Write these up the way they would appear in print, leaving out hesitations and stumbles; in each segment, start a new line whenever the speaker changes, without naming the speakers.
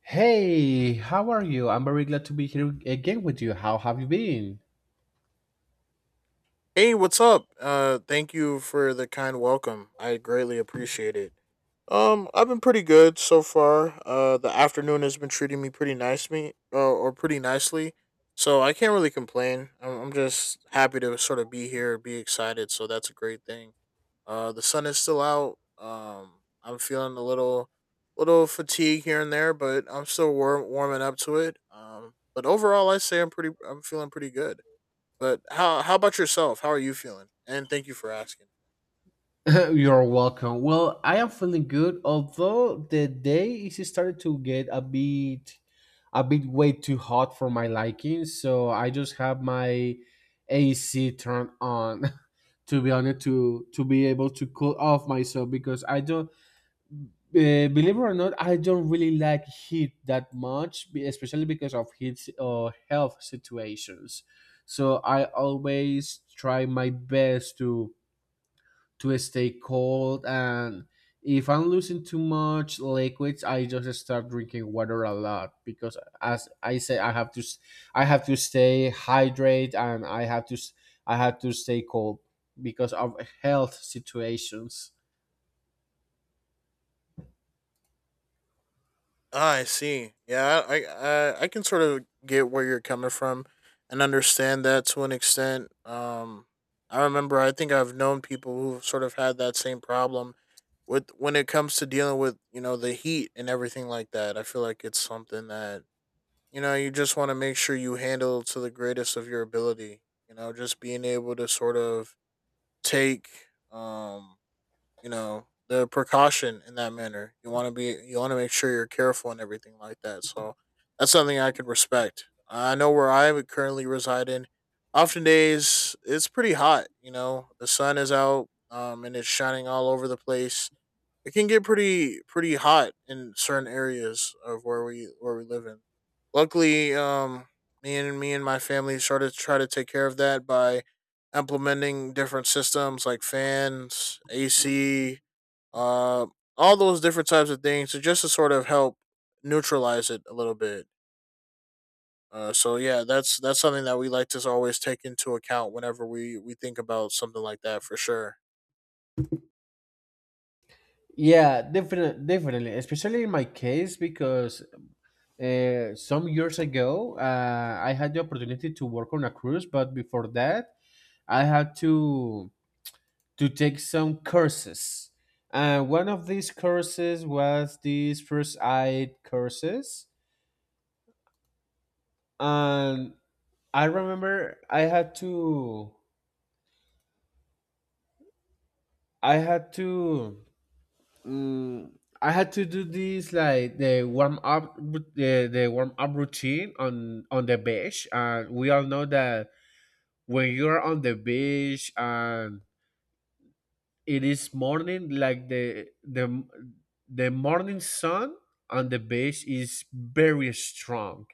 Hey, how are you? I'm very glad to be here again with you. How have you been?
Hey, what's up? Thank you for the kind welcome. I greatly appreciate it. I've been pretty good so far. The afternoon has been treating me pretty nice, me or pretty nicely. So I can't really complain. I'm just happy to sort of be here, be excited. So that's a great thing. The sun is still out. I'm feeling little fatigue here and there, but I'm still warming up to it. But overall, I say I'm feeling pretty good. But how about yourself? How are you feeling? And thank you for asking.
You're welcome. Well, I am feeling good, although the day is started to get a bit way too hot for my liking, so I just have my AC turned on to be honest to be able to cool off myself because I don't believe it or not, I don't really like heat that much, especially because of heat or health situations. So I always try my best to stay cold, and if I'm losing too much liquids, I just start drinking water a lot because, as I say, I have to stay hydrated, and I have to stay cold because of health situations.
Ah, I see. Yeah, I can sort of get where you're coming from and understand that to an extent. I remember I think I've known people who've sort of had that same problem with when it comes to dealing with, you know, the heat and everything like that. I feel like it's something that, you know, you just want to make sure you handle to the greatest of your ability. You know, just being able to sort of take um you know the precaution in that manner. You want to make sure you're careful and everything like that. So that's something I could respect. I know where I would currently reside in. Often days it's pretty hot. You know the sun is out, and it's shining all over the place. It can get pretty hot in certain areas of where we live in. Luckily, me and my family started to try to take care of that by implementing different systems like fans, AC, uh, all those different types of things, so just to sort of help neutralize it a little bit. So yeah, that's something that we like to always take into account whenever we think about something like that for sure.
Yeah, definitely, definitely. Especially in my case, because some years ago, I had the opportunity to work on a cruise, but before that, I had to take some courses. And one of these courses was these first aid courses, and I remember I had to Mm, I had to do this like the warm up, the warm up routine on the beach, and we all know that when you're on the beach and it is morning, like the the morning sun on the beach is very strong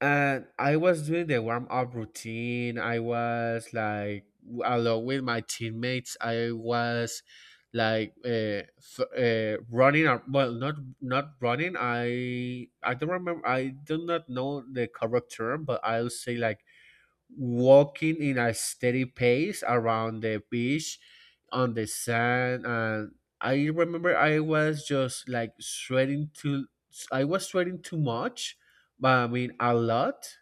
and I was doing the warm up routine. I was like along with my teammates. I was like running. Or, well, not running. I don't remember. I do not know the correct term, but I'll say like walking in a steady pace around the beach on the sand and I was just like sweating too I was sweating too much but I mean a lot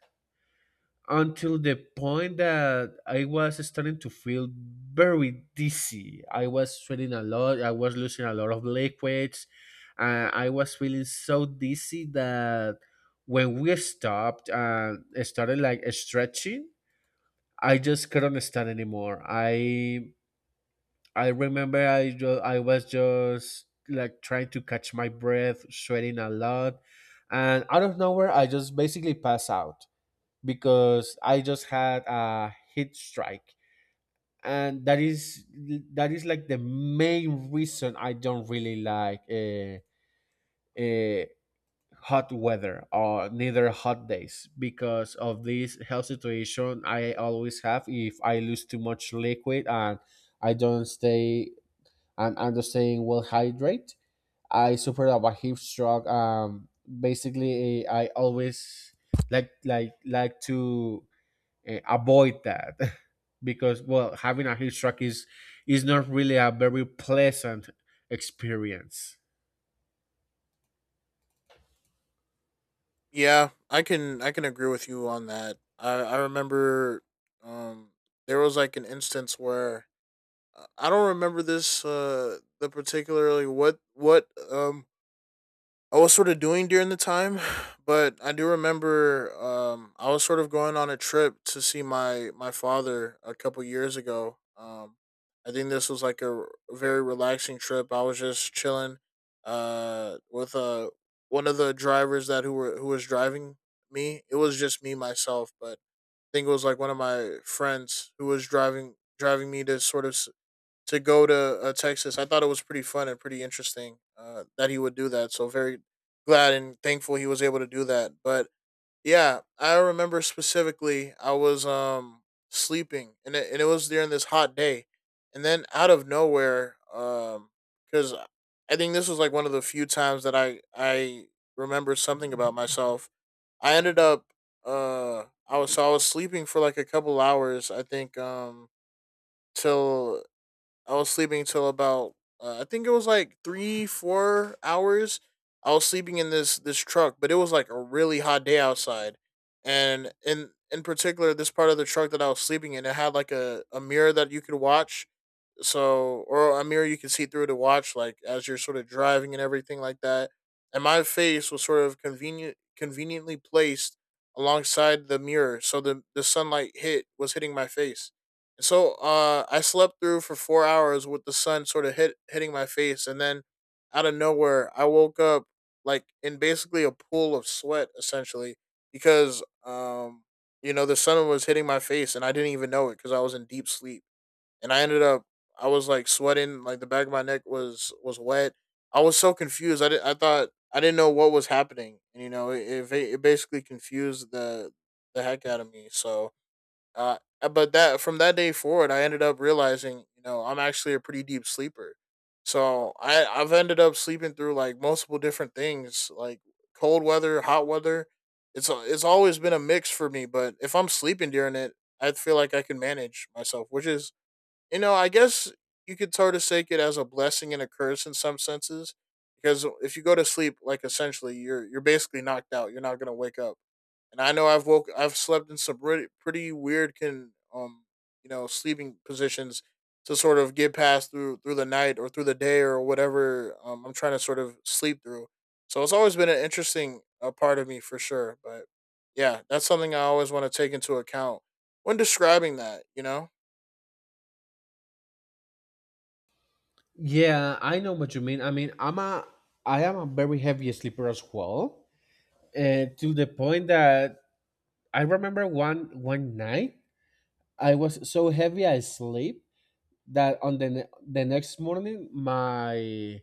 until the point that I was starting to feel very dizzy. I was sweating a lot. I was losing a lot of liquids and I was feeling so dizzy that when we stopped and started like stretching, I just couldn't stand anymore. I I was just like trying to catch my breath, sweating a lot, and out of nowhere I just basically pass out because I just had a heat strike, and that is like the main reason I don't really like uh, hot weather or neither hot days because of this health situation I always have if I lose too much liquid and I don't stay I'm not staying well hydrated. I suffer of a heat stroke. Basically, I always like to avoid that because well, having a heat stroke is not really a very pleasant experience.
Yeah, I can agree with you on that. I remember um there was like an instance where I don't remember this the particularly what I was sort of doing during the time, but I do remember, I was sort of going on a trip to see my father a couple years ago. I think this was like very relaxing trip. I was just chilling with one of the drivers that who were who was driving me. It was just me myself, but I think it was like one of my friends who was driving me to sort of to go to Texas. I thought it was pretty fun and pretty interesting, that he would do that. So very glad and thankful he was able to do that. But yeah, I remember specifically I was sleeping, and it was during this hot day, and then out of nowhere, because I think this was like one of the few times that I remember something about myself. I ended up I was sleeping for like a couple hours. I think till I was sleeping till about, I think it was like three, 4 hours. I was sleeping in this truck, but it was like a really hot day outside, and in particular, this part of the truck that I was sleeping in, it had like a mirror that you could watch, so or a mirror you can see through to watch like as you're sort of driving and everything like that. And my face was sort of conveniently placed alongside the mirror, so the sunlight hit was hitting my face. And so I slept through for 4 hours with the sun sort of hitting my face. And then out of nowhere I woke up like in basically a pool of sweat, essentially, because you know, the sun was hitting my face and I didn't even know it, cuz I was in deep sleep. And I ended up, I was like sweating, like the back of my neck was wet. I was so confused. I thought I didn't know what was happening, and you know, it basically confused the heck out of me. So, but that from that day forward, I ended up realizing, you know, I'm actually a pretty deep sleeper. So I've ended up sleeping through like multiple different things, like cold weather, hot weather. It's always been a mix for me, but if I'm sleeping during it, I feel like I can manage myself, which is, you know, I guess you could sort of take it as a blessing and a curse in some senses, because if you go to sleep, like essentially, you're basically knocked out. You're not gonna wake up. And I know I've slept in some pretty weird can you know sleeping positions to sort of get past through the night or through the day or whatever I'm trying to sort of sleep through. So it's always been an interesting, part of me for sure. But yeah, that's something I always want to take into account when describing that. You know.
Yeah, I know what you mean. I am a very heavy sleeper as well, to the point that I remember one night I was so heavy I sleep that on the next morning my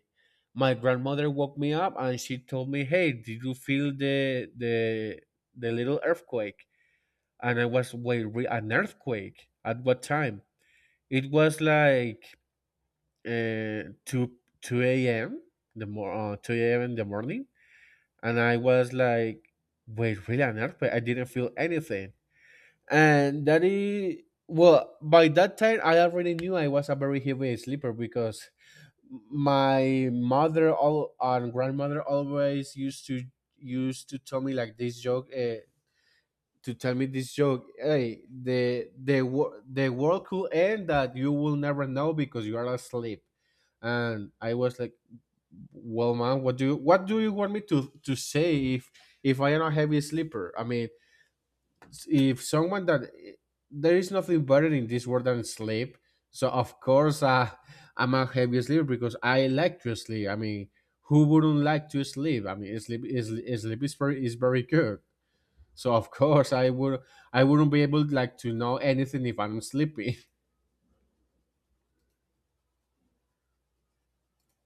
my grandmother woke me up and she told me, "Hey, did you feel the little earthquake?" And I was wait, an earthquake at what time? It was like uh, 2 2 a.m. the more 2 a.m. in the morning, and I was like, "Wait, really an earthquake?" I didn't feel anything, and that is well. By that time, I already knew I was a very heavy sleeper because my mother all and grandmother always used to tell me like this joke. Hey, the world could end that you will never know because you are asleep and I was like, well man, what do you want me to say if I am a heavy sleeper. I mean, if someone that there is nothing better in this world than sleep, so of course I'm a heavy sleeper because I like to sleep. I mean, who wouldn't like to sleep? I mean, sleep is very good, so of course I wouldn't be able like to know anything if I'm sleepy.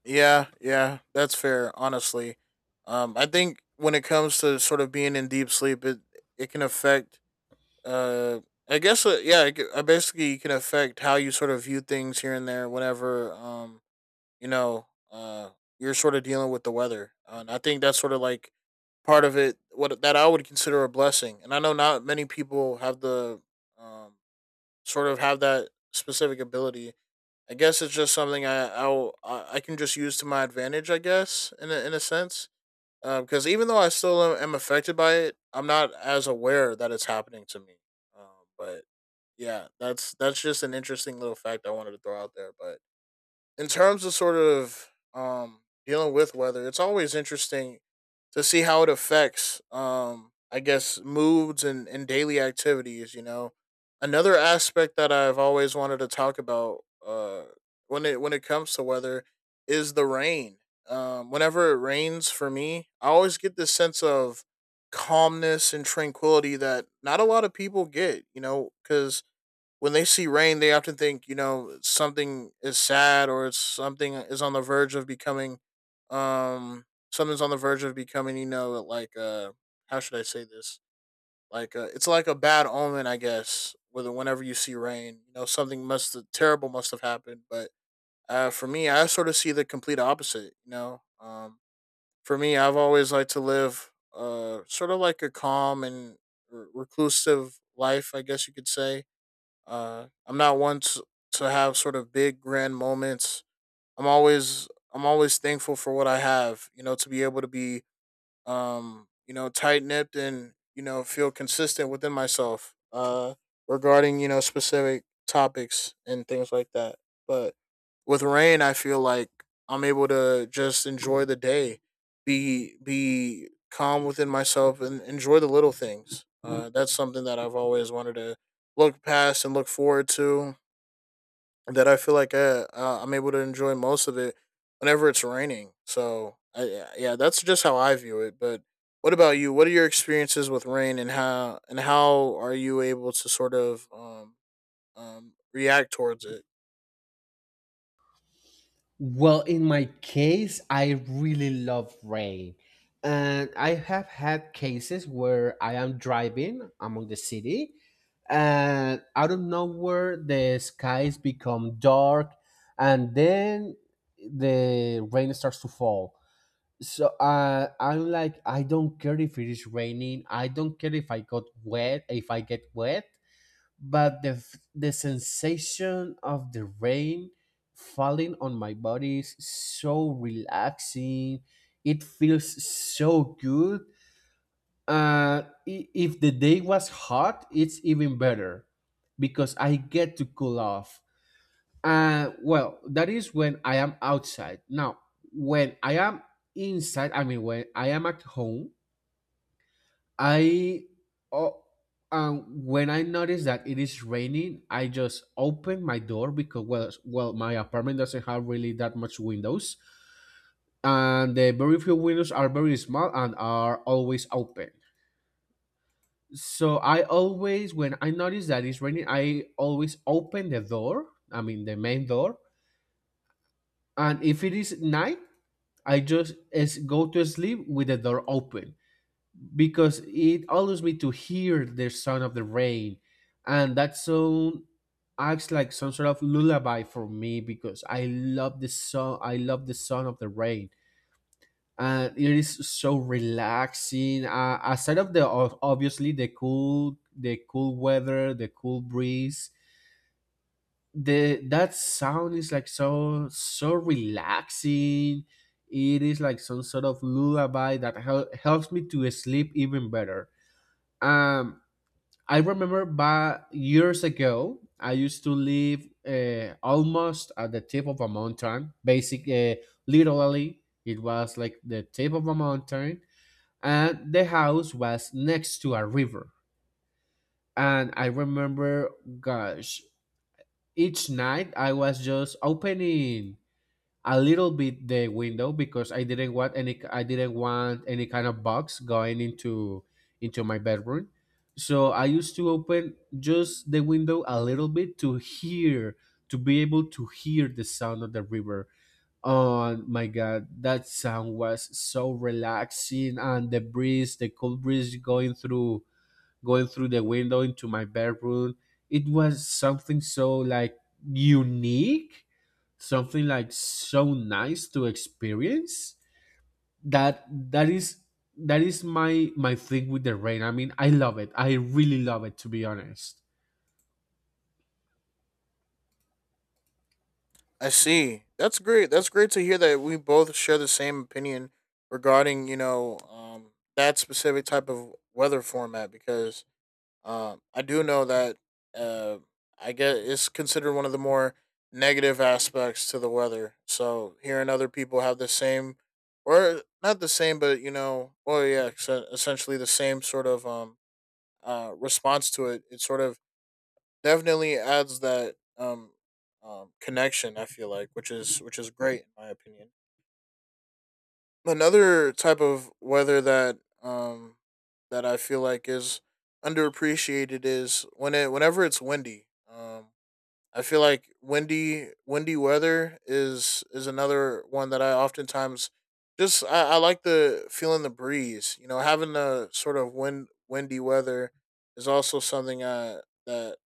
Yeah, yeah, that's fair. Honestly, I think when it comes to sort of being in deep sleep, it can affect. Uh, yeah, basically, it can affect how you sort of view things here and there. Whenever, you know, you're sort of dealing with the weather, and I think that's sort of like part of it. What that I would consider a blessing, and I know not many people have the um sort of have that specific ability. I guess it's just something I can just use to my advantage. I guess in in a sense, because even though I still am affected by it, I'm not as aware that it's happening to me. Um, but yeah, that's just an interesting little fact I wanted to throw out there. But in terms of sort of, um, dealing with weather, it's always interesting to see how it affects, I guess, moods and daily activities. You know, another aspect that I've always wanted to talk about, when it comes to weather is the rain. Whenever it rains for me, I always get this sense of calmness and tranquility that not a lot of people get. You know, because when they see rain, they often think, you know, something is sad, or it's something is on the verge of becoming, um, something's on the verge of becoming. You know, like, how should I say this? Like, it's like a bad omen, I guess. Whether Whenever you see rain, you know something must terrible must have happened. But for me, I sort of see the complete opposite. You know, for me, I've always liked to live sort of like a calm and reclusive life, I guess you could say. I'm not one to have sort of big grand moments. I'm always I'm always thankful for what I have. You know, to be able to be, you know, tight nipped, and, you know, feel consistent within myself, regarding, you know, specific topics and things like that. But with rain, I feel like I'm able to just enjoy the day, be calm within myself and enjoy the little things. That's something that I've always wanted to look past and look forward to, that I feel like I'm able to enjoy most of it whenever it's raining. So I, yeah, yeah, that's just how I view it. But what about you? What are your experiences with rain, and how are you able to sort of, react towards it?
Well, in my case, I really love rain. And I have had cases where I am driving among the city and out of nowhere the skies become dark and then the rain starts to fall. So I'm like, I don't care if it is raining. I don't care if I get wet, but the sensation of the rain falling on my body is so relaxing. It feels so good. uh if the day was hot, it's even better because I get to cool off. Well, that is when I am outside. Now when I am inside, I mean when I am at home, I oh, when I notice that it is raining, I just open my door because my apartment doesn't have really that much windows, and the very few windows are very small and are always open. So I always, when I notice that it's raining, I always open the door. I mean the main door, and if it is night, I just is go to sleep with the door open because it allows me to hear the sound of the rain and that sound acts like some sort of lullaby for me because I love the sound of the rain and it is so relaxing. Aside of obviously the cool weather, the cool breeze, the that sound is like so relaxing. It is like some sort of lullaby that helps me to sleep even better. um I remember back years ago, I used to live almost at the tip of a mountain. Literally, it was like the tip of a mountain, and the house was next to a river. And I remember, gosh, each night I was just opening a little bit the window because I didn't want any kind of bugs going into my bedroom. So I used to open just the window a little bit to be able to hear the sound of the river. Oh my god, that sound was so relaxing and the breeze, the cold breeze going through the window into my bedroom. It was something so like unique, something like so nice to experience. That that is that is my my thing with the rain. I mean, I love it. I really love it to be honest.
I see. That's great. That's great to hear that we both share the same opinion regarding, you know, that specific type of weather format, because I do know that, uh, I guess it's considered one of the more negative aspects to the weather. So hearing other people have the same, or not the same, but you know, well, yeah, essentially the same sort of response to it. It sort of definitely adds that connection. I feel like, which is great in my opinion. Another type of weather that that I feel like is underappreciated is when it whenever it's windy. I feel like windy weather is another one that I oftentimes just I like the feeling the breeze. You know, having the sort of windy weather is also something that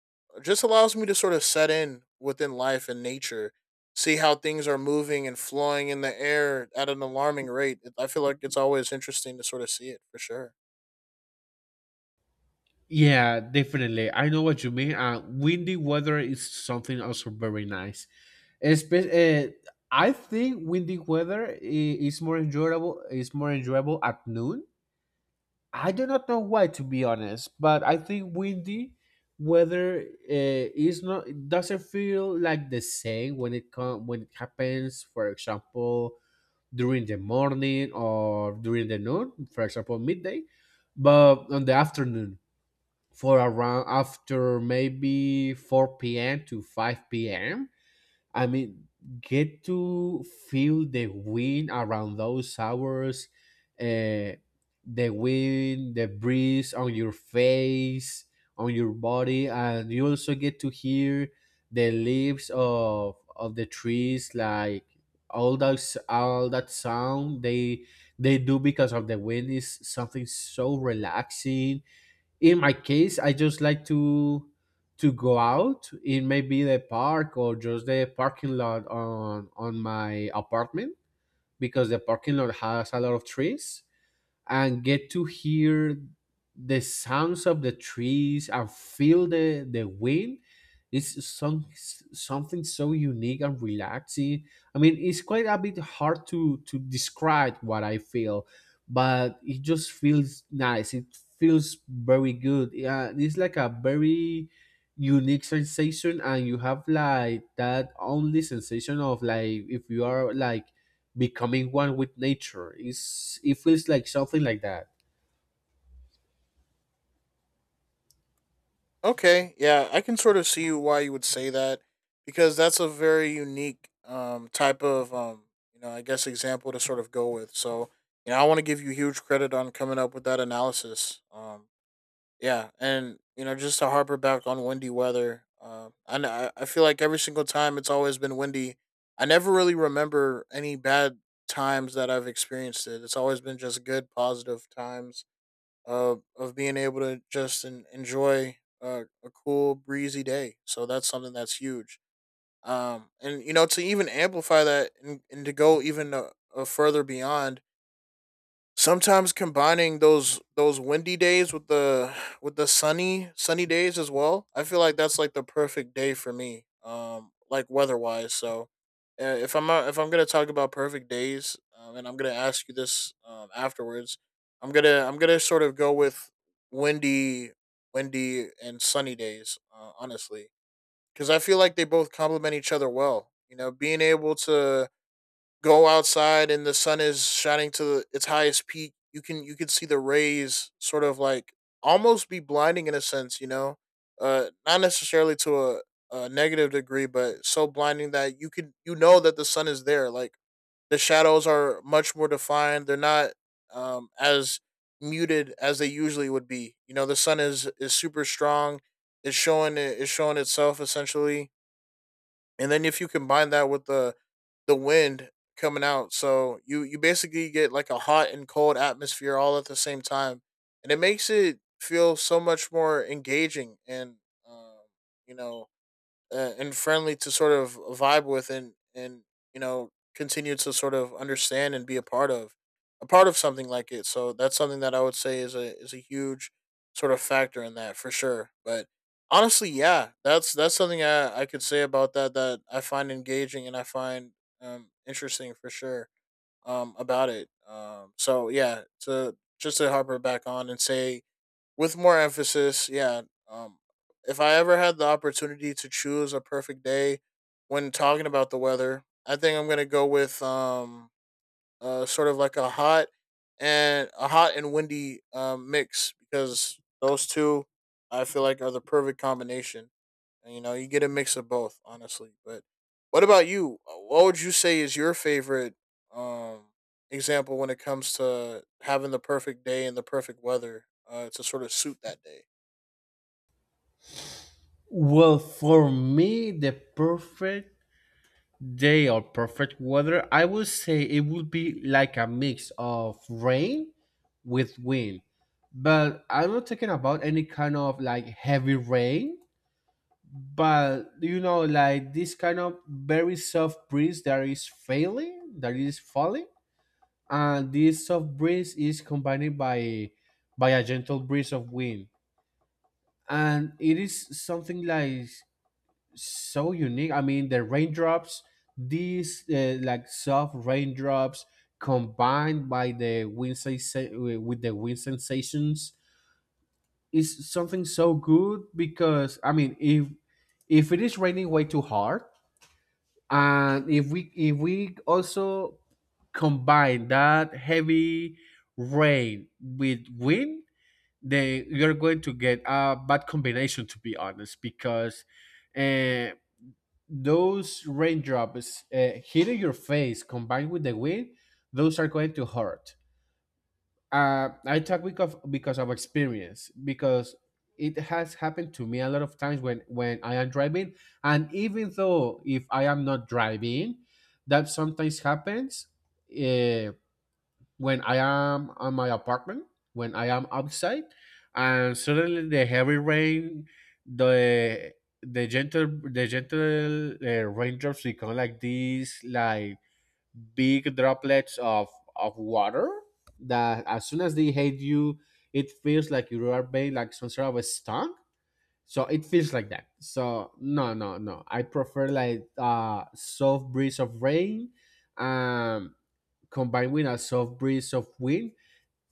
just allows me to sort of set in within life and nature, see how things are moving and flowing in the air at an alarming rate. I feel like it's always interesting to sort of see it for sure.
Yeah, definitely. I know what you mean. Windy weather is something also very nice. Espe- uh, I think windy weather is more enjoyable. Is more enjoyable at noon. I do not know why, to be honest, but I think windy weather is not, it doesn't feel like the same when it when it happens. For example, during the morning or during the noon. For example, midday, but on the afternoon for around after maybe four p.m. to five p.m. I mean, get to feel the wind around those hours, uh, the wind, the breeze on your face, on your body, and you also get to hear the leaves of the trees, like all those, all that sound they do because of the wind is something so relaxing. In my case, I just like to go out in maybe the park or just the parking lot on my apartment because the parking lot has a lot of trees and get to hear the sounds of the trees and feel the wind. It's some, something so unique and relaxing. I mean, it's quite a bit hard to describe what I feel, but it just feels nice. It feels very good. Yeah, it's like a very unique sensation and you have like that only sensation of like if you are like becoming one with nature. It's, it feels like something like that.
Okay, yeah, I can sort of see why you would say that because that's a very unique type of you know, I guess example to sort of go with. So, you know, I want to give you huge credit on coming up with that analysis. Yeah, and you know, just to harper back on windy weather. And I feel like every single time it's always been windy. I never really remember any bad times that I've experienced it. It's always been just good positive times of being able to just enjoy a cool breezy day. So that's something that's huge. And you know to even amplify that and to go even a further beyond. Sometimes combining those windy days with the sunny days as well. I feel like that's like the perfect day for me. Like weather wise. So, if I'm gonna talk about perfect days, and I'm gonna ask you this afterwards, I'm gonna sort of go with windy, windy and sunny days. Honestly, because I feel like they both complement each other well. You know, being able to go outside and the sun is shining to its highest peak, you can see the rays sort of like almost be blinding in a sense, you know, not necessarily to a negative degree, but so blinding that you know that the sun is there. Like the shadows are much more defined; they're not as muted as they usually would be. You know, the sun is super strong. It's showing itself essentially, and then if you combine that with the wind coming out. So you basically get like a hot and cold atmosphere all at the same time, and it makes it feel so much more engaging and um, you know and friendly to sort of vibe with and you know continue to sort of understand and be a part of something like it. So that's something that I would say is a huge sort of factor in that for sure. But honestly, yeah, that's something I could say about that, that I find engaging and I find interesting for sure about it, so yeah, to just to harper back on and say with more emphasis. Yeah. Um, if I ever had the opportunity to choose a perfect day when talking about the weather, I think I'm gonna go with sort of like a hot and windy mix, because those two, I feel like, are the perfect combination. And, you know, you get a mix of both, honestly. But what about you? What would you say is your favorite um, example when it comes to having the perfect day and the perfect weather to sort of suit that day?
Well, for me, the perfect day or perfect weather, I would say it would be like a mix of rain with wind. But I'm not talking about any kind of like heavy rain, but you know, like this kind of very soft breeze that is failing, that is falling. And this soft breeze is combined by a gentle breeze of wind, and it is something like so unique. I mean the raindrops, these like soft raindrops combined by with the wind sensations, is something so good. Because I mean if it is raining way too hard, and if we also combine that heavy rain with wind, then you're going to get a bad combination, to be honest, because uh, those raindrops hitting your face combined with the wind, those are going to hurt. I talk because because of experience. Because it has happened to me a lot of times when I am driving, and even though if I am not driving, that sometimes happens. Uh, when I am on my apartment, when I am outside, and suddenly the heavy rain, the the gentle raindrops become like these, like big droplets of water, that as soon as they hit you, it feels like you are being like some sort of a stung. So it feels like that. So no, no, no, I prefer like soft breeze of rain, um, combined with a soft breeze of wind.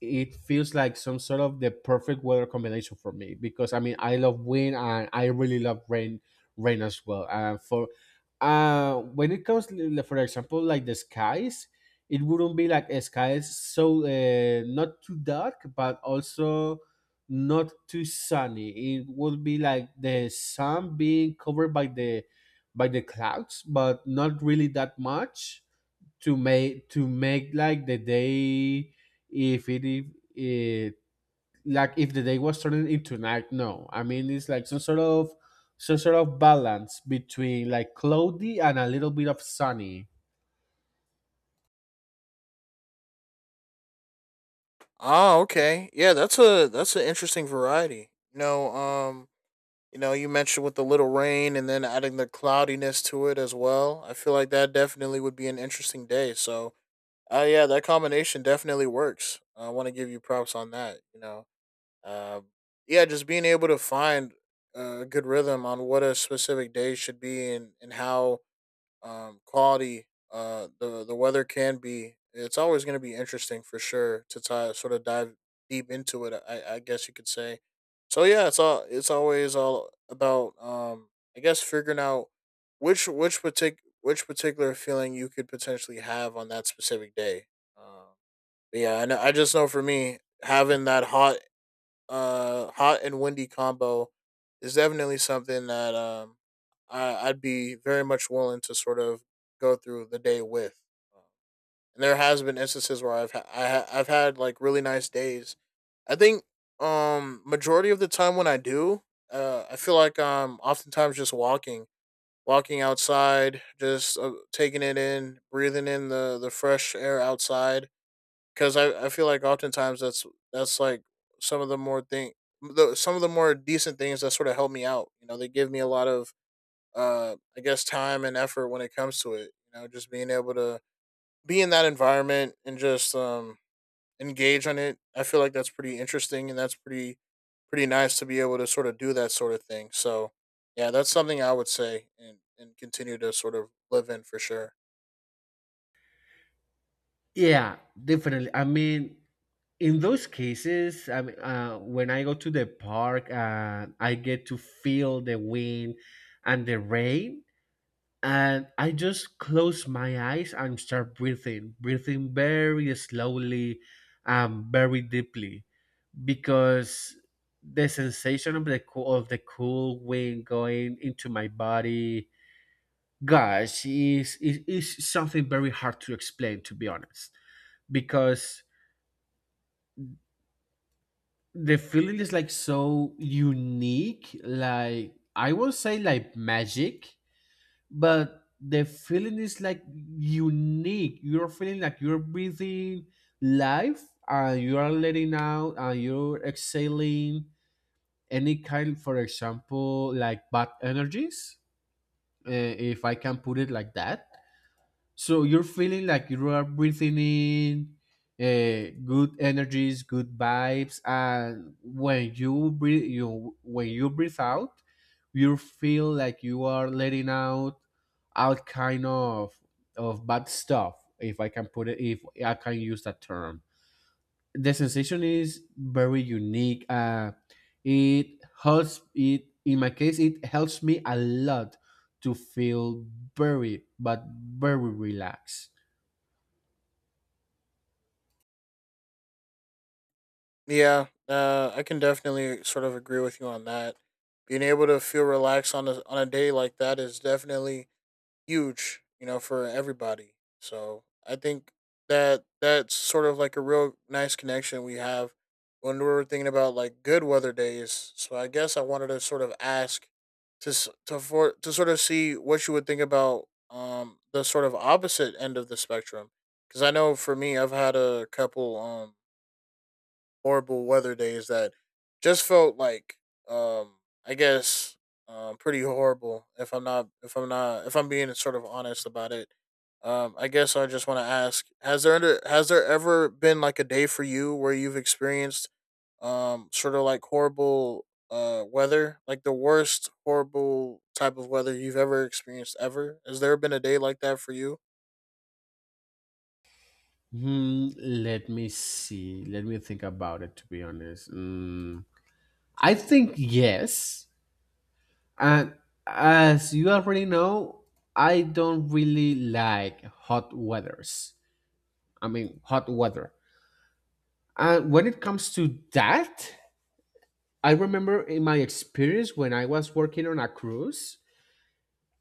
It feels like some sort of the perfect weather combination for me, because I mean I love wind and I really love rain, rain as well. And for when it comes for example like the skies, it wouldn't be like a skies so not too dark, but also not too sunny. It would be like the sun being covered by the clouds, but not really that much to make like the day, if it, like if the day was turning into night. No, I mean it's like some sort of balance between like cloudy and a little bit of sunny.
Ah, okay. Yeah, that's a that's an interesting variety. You know, you know, you mentioned with the little rain and then adding the cloudiness to it as well. I feel like that definitely would be an interesting day. So, yeah, that combination definitely works. I want to give you props on that. You know. Uh, yeah, just being able to find a good rhythm on what a specific day should be, and how quality the weather can be. It's always going to be interesting for sure to tie, sort of dive deep into it, I guess you could say. So yeah, it's always all about I guess figuring out which particular feeling you could potentially have on that specific day. Um, but yeah, I know, I just know for me having that hot and windy combo is definitely something that I'd be very much willing to sort of go through the day with. Um, And there has been instances where I've had like really nice days. I think majority of the time when I do, I feel like I'm oftentimes just walking outside, just taking it in, breathing in the fresh air outside, because I feel like oftentimes that's like some of the more thing some of the more decent things that sort of help me out. You know, they give me a lot of I guess time and effort when it comes to it. You know, just being able to be in that environment and just engage on it, I feel like that's pretty interesting and that's pretty nice to be able to sort of do that sort of thing. So yeah, that's something I would say and continue to sort of live in for sure.
Yeah, definitely. I mean, in those cases, I mean, when I go to the park and I get to feel the wind and the rain, and I just close my eyes and start breathing, breathing very slowly and very deeply, because the sensation of the cool wind going into my body, gosh, is something very hard to explain, to be honest, because the feeling is like so unique, like I will say like magic, but the feeling is like unique. You're feeling like you're breathing life, and you are letting out, and you're exhaling any kind, for example, like bad energies, if I can put it like that. So you're feeling like you are breathing in good energies, good vibes, and when you breathe, you when you breathe out, you feel like you are letting out all kind of bad stuff. If I can put it, if I can use that term, the sensation is very unique. It helps. It, in my case, it helps me a lot to feel very, but very relaxed.
Yeah, I can definitely sort of agree with you on that. Being able to feel relaxed on a day like that is definitely huge, you know, for everybody. So I think that that's sort of like a real nice connection we have when we're thinking about like good weather days. So I guess I wanted to sort of ask to sort of see what you would think about the sort of opposite end of the spectrum, because I know for me I've had a couple horrible weather days that just felt like um I guess pretty horrible if I'm being sort of honest about it. Um, I guess I just want to ask, has there ever been like a day for you where you've experienced sort of like horrible weather, like the worst horrible type of weather you've ever experienced ever? Has there been a day like that for you?
Hmm, let me see. Let me think about it, to be honest. Mm, I think yes. And as you already know, I don't really like hot weathers. I mean, hot weather. And when it comes to that, I remember in my experience when I was working on a cruise,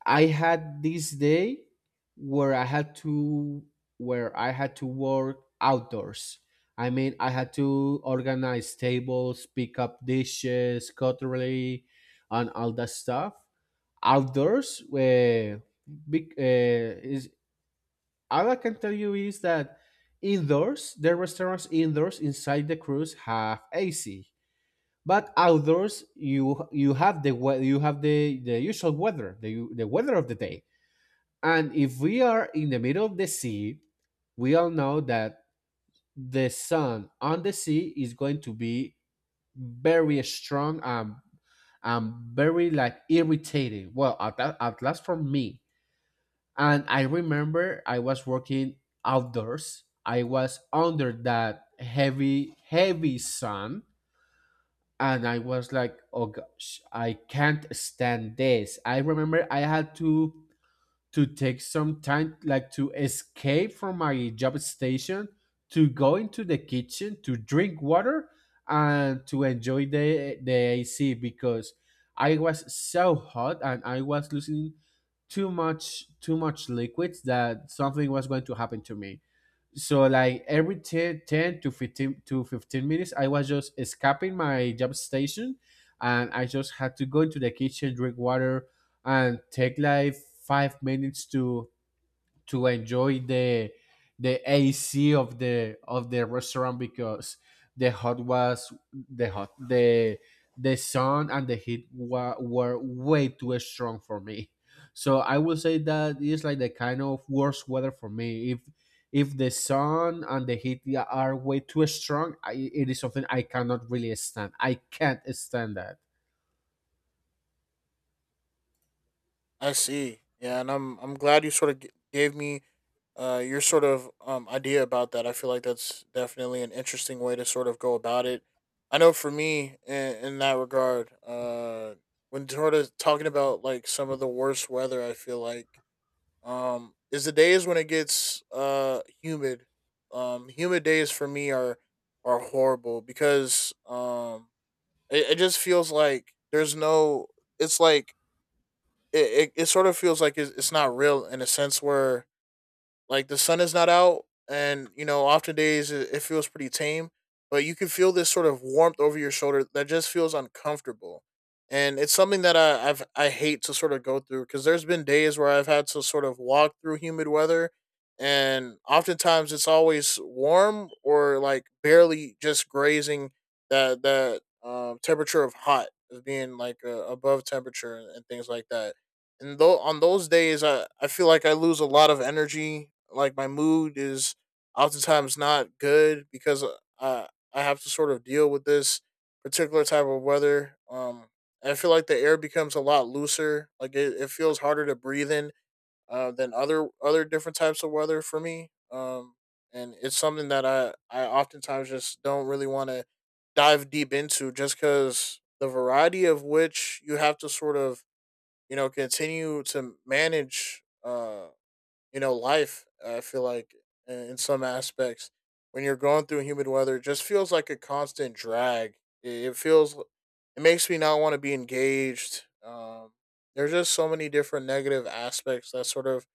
I had this day where I had to where I had to work outdoors. I mean, I had to organize tables, pick up dishes, cutlery, and all that stuff outdoors. Where big is, all I can tell you is that indoors, the restaurants indoors inside the cruise have AC, but outdoors you you have you have the usual weather, the weather of the day. And if we are in the middle of the sea, we all know that the sun on the sea is going to be very strong, and very like irritating. Well, at last for me. And I remember I was working outdoors. I was under that heavy, heavy sun. And I was like, oh gosh, I can't stand this. I remember I had to take some time like to escape from my job station, to go into the kitchen to drink water, and to enjoy the AC, because I was so hot and I was losing too much liquids, that something was going to happen to me. So like every 10 to 15 minutes, I was just escaping my job station, and I just had to go into the kitchen, drink water, and take like 5 minutes to enjoy the AC of the restaurant, because the hot, the sun and the heat were way too strong for me. So I will say that it's like the kind of worst weather for me. If the sun and the heat are way too strong, it is something I cannot really stand. I can't stand that.
I see. Yeah, and I'm glad you sort of gave me your sort of idea about that. I feel like that's definitely an interesting way to sort of go about it. I know for me, in that regard, when sort of talking about like some of the worst weather, I feel like is the days when it gets humid. Humid days for me are horrible, because it just feels like there's no. It's like it sort of feels like it's not real, in a sense where like the sun is not out, and you know, often days it feels pretty tame, but you can feel this sort of warmth over your shoulder that just feels uncomfortable. And it's something that I hate to sort of go through, because there's been days where I've had to sort of walk through humid weather, and oftentimes it's always warm, or like barely just grazing that temperature of hot as being like above temperature and things like that. And though on those days, I feel like I lose a lot of energy, like my mood is oftentimes not good because i I have to sort of deal with this particular type of weather. I feel like the air becomes a lot looser, like it feels harder to breathe in than other different types of weather for me. And it's something that I oftentimes just don't really want to dive deep into, just because the variety of which you have to sort of, you know, continue to manage, you know, life. I feel like in some aspects, when you're going through humid weather, it just feels like a constant drag. It feels, it makes me not want to be engaged. There's just so many different negative aspects that sort of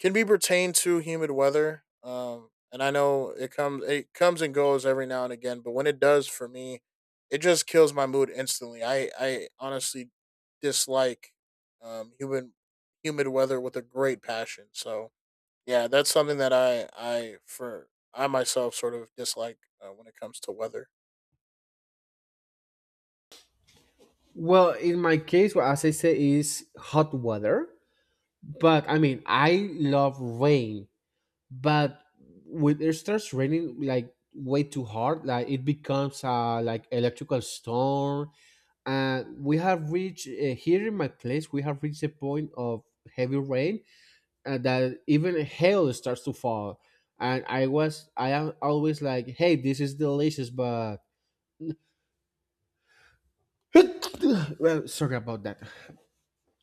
can be pertained to humid weather. And I know it comes and goes every now and again, but when it does for me, it just kills my mood instantly. I honestly dislike um humid humid weather with a great passion. So yeah, that's something that I myself sort of dislike when it comes to weather.
Well, in my case, what as I say is hot weather. But I mean, I love rain, but when it starts raining like way too hard, like it becomes a like electrical storm. And we have reached here in my place, we have reached a point of heavy rain that even hail starts to fall. And I am always like, hey, this is delicious, but well, sorry about that.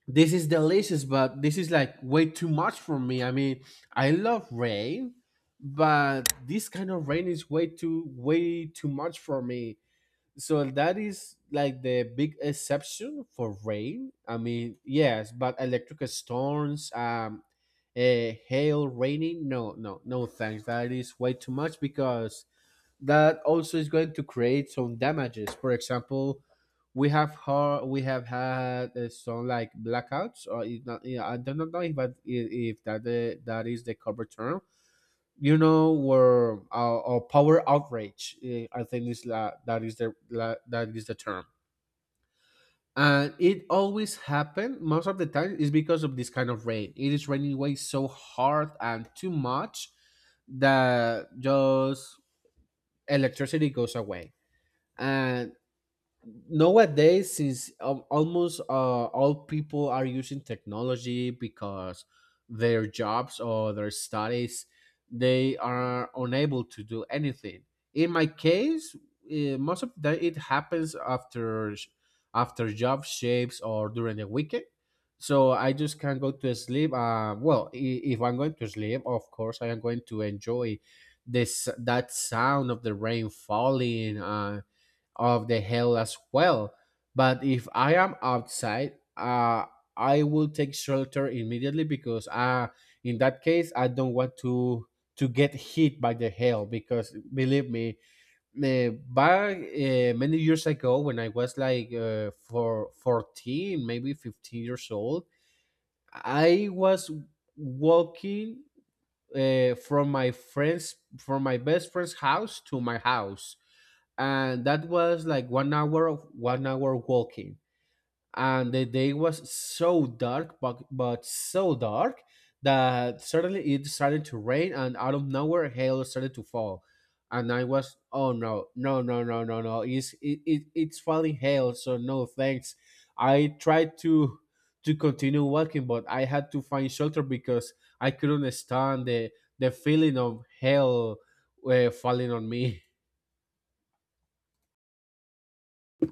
This is delicious, but this is like way too much for me. I mean, I love rain, but this kind of rain is way too much for me. So that is like the big exception for rain. I mean, yes, but electric storms, hail, raining, no, no, no, thanks. That is way too much, because that also is going to create some damages. For example, we have har we have had some like blackouts, or if not, yeah, I don't know if that, that is the cover term. You know, where or power outrage. I think that is that is the term. And it always happen most of the time is because of this kind of rain. It is raining way so hard and too much that just electricity goes away. And nowadays, since almost all people are using technology because their jobs or their studies, they are unable to do anything. In my case, eh, most of the it happens after after job shapes or during the weekend. So I just can't go to sleep. Well, if I'm going to sleep, of course I am going to enjoy this that sound of the rain falling and of the hill as well. But if I am outside, I will take shelter immediately, because in that case, I don't want to get hit by the hail, because believe me, eh, back many years ago when I was like for 14, maybe 15 years old, I was walking from my friends from my best friend's house to my house, and that was like one hour of one hour walking. And the day was so dark, but so dark, that suddenly it started to rain, and out of nowhere hail started to fall. And I was, oh no, no, no, no, no, no, it's it's falling hail, so no thanks. I tried to continue walking, but I had to find shelter, because I couldn't stand the feeling of hail falling on me.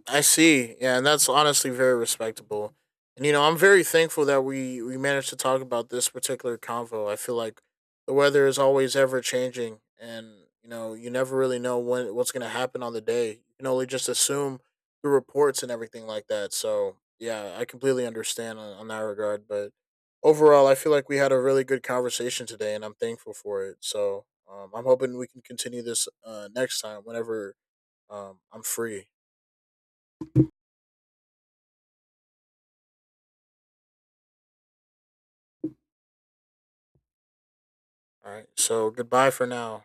I see. Yeah, and that's honestly very respectable. And you know, I'm very thankful that we managed to talk about this particular convo. I feel like the weather is always ever changing, and you know, you never really know when what's going to happen on the day. You can only just assume the reports and everything like that. So yeah, I completely understand on that regard. But overall, I feel like we had a really good conversation today, and I'm thankful for it. So I'm hoping we can continue this next time whenever I'm free. All right. So goodbye for now.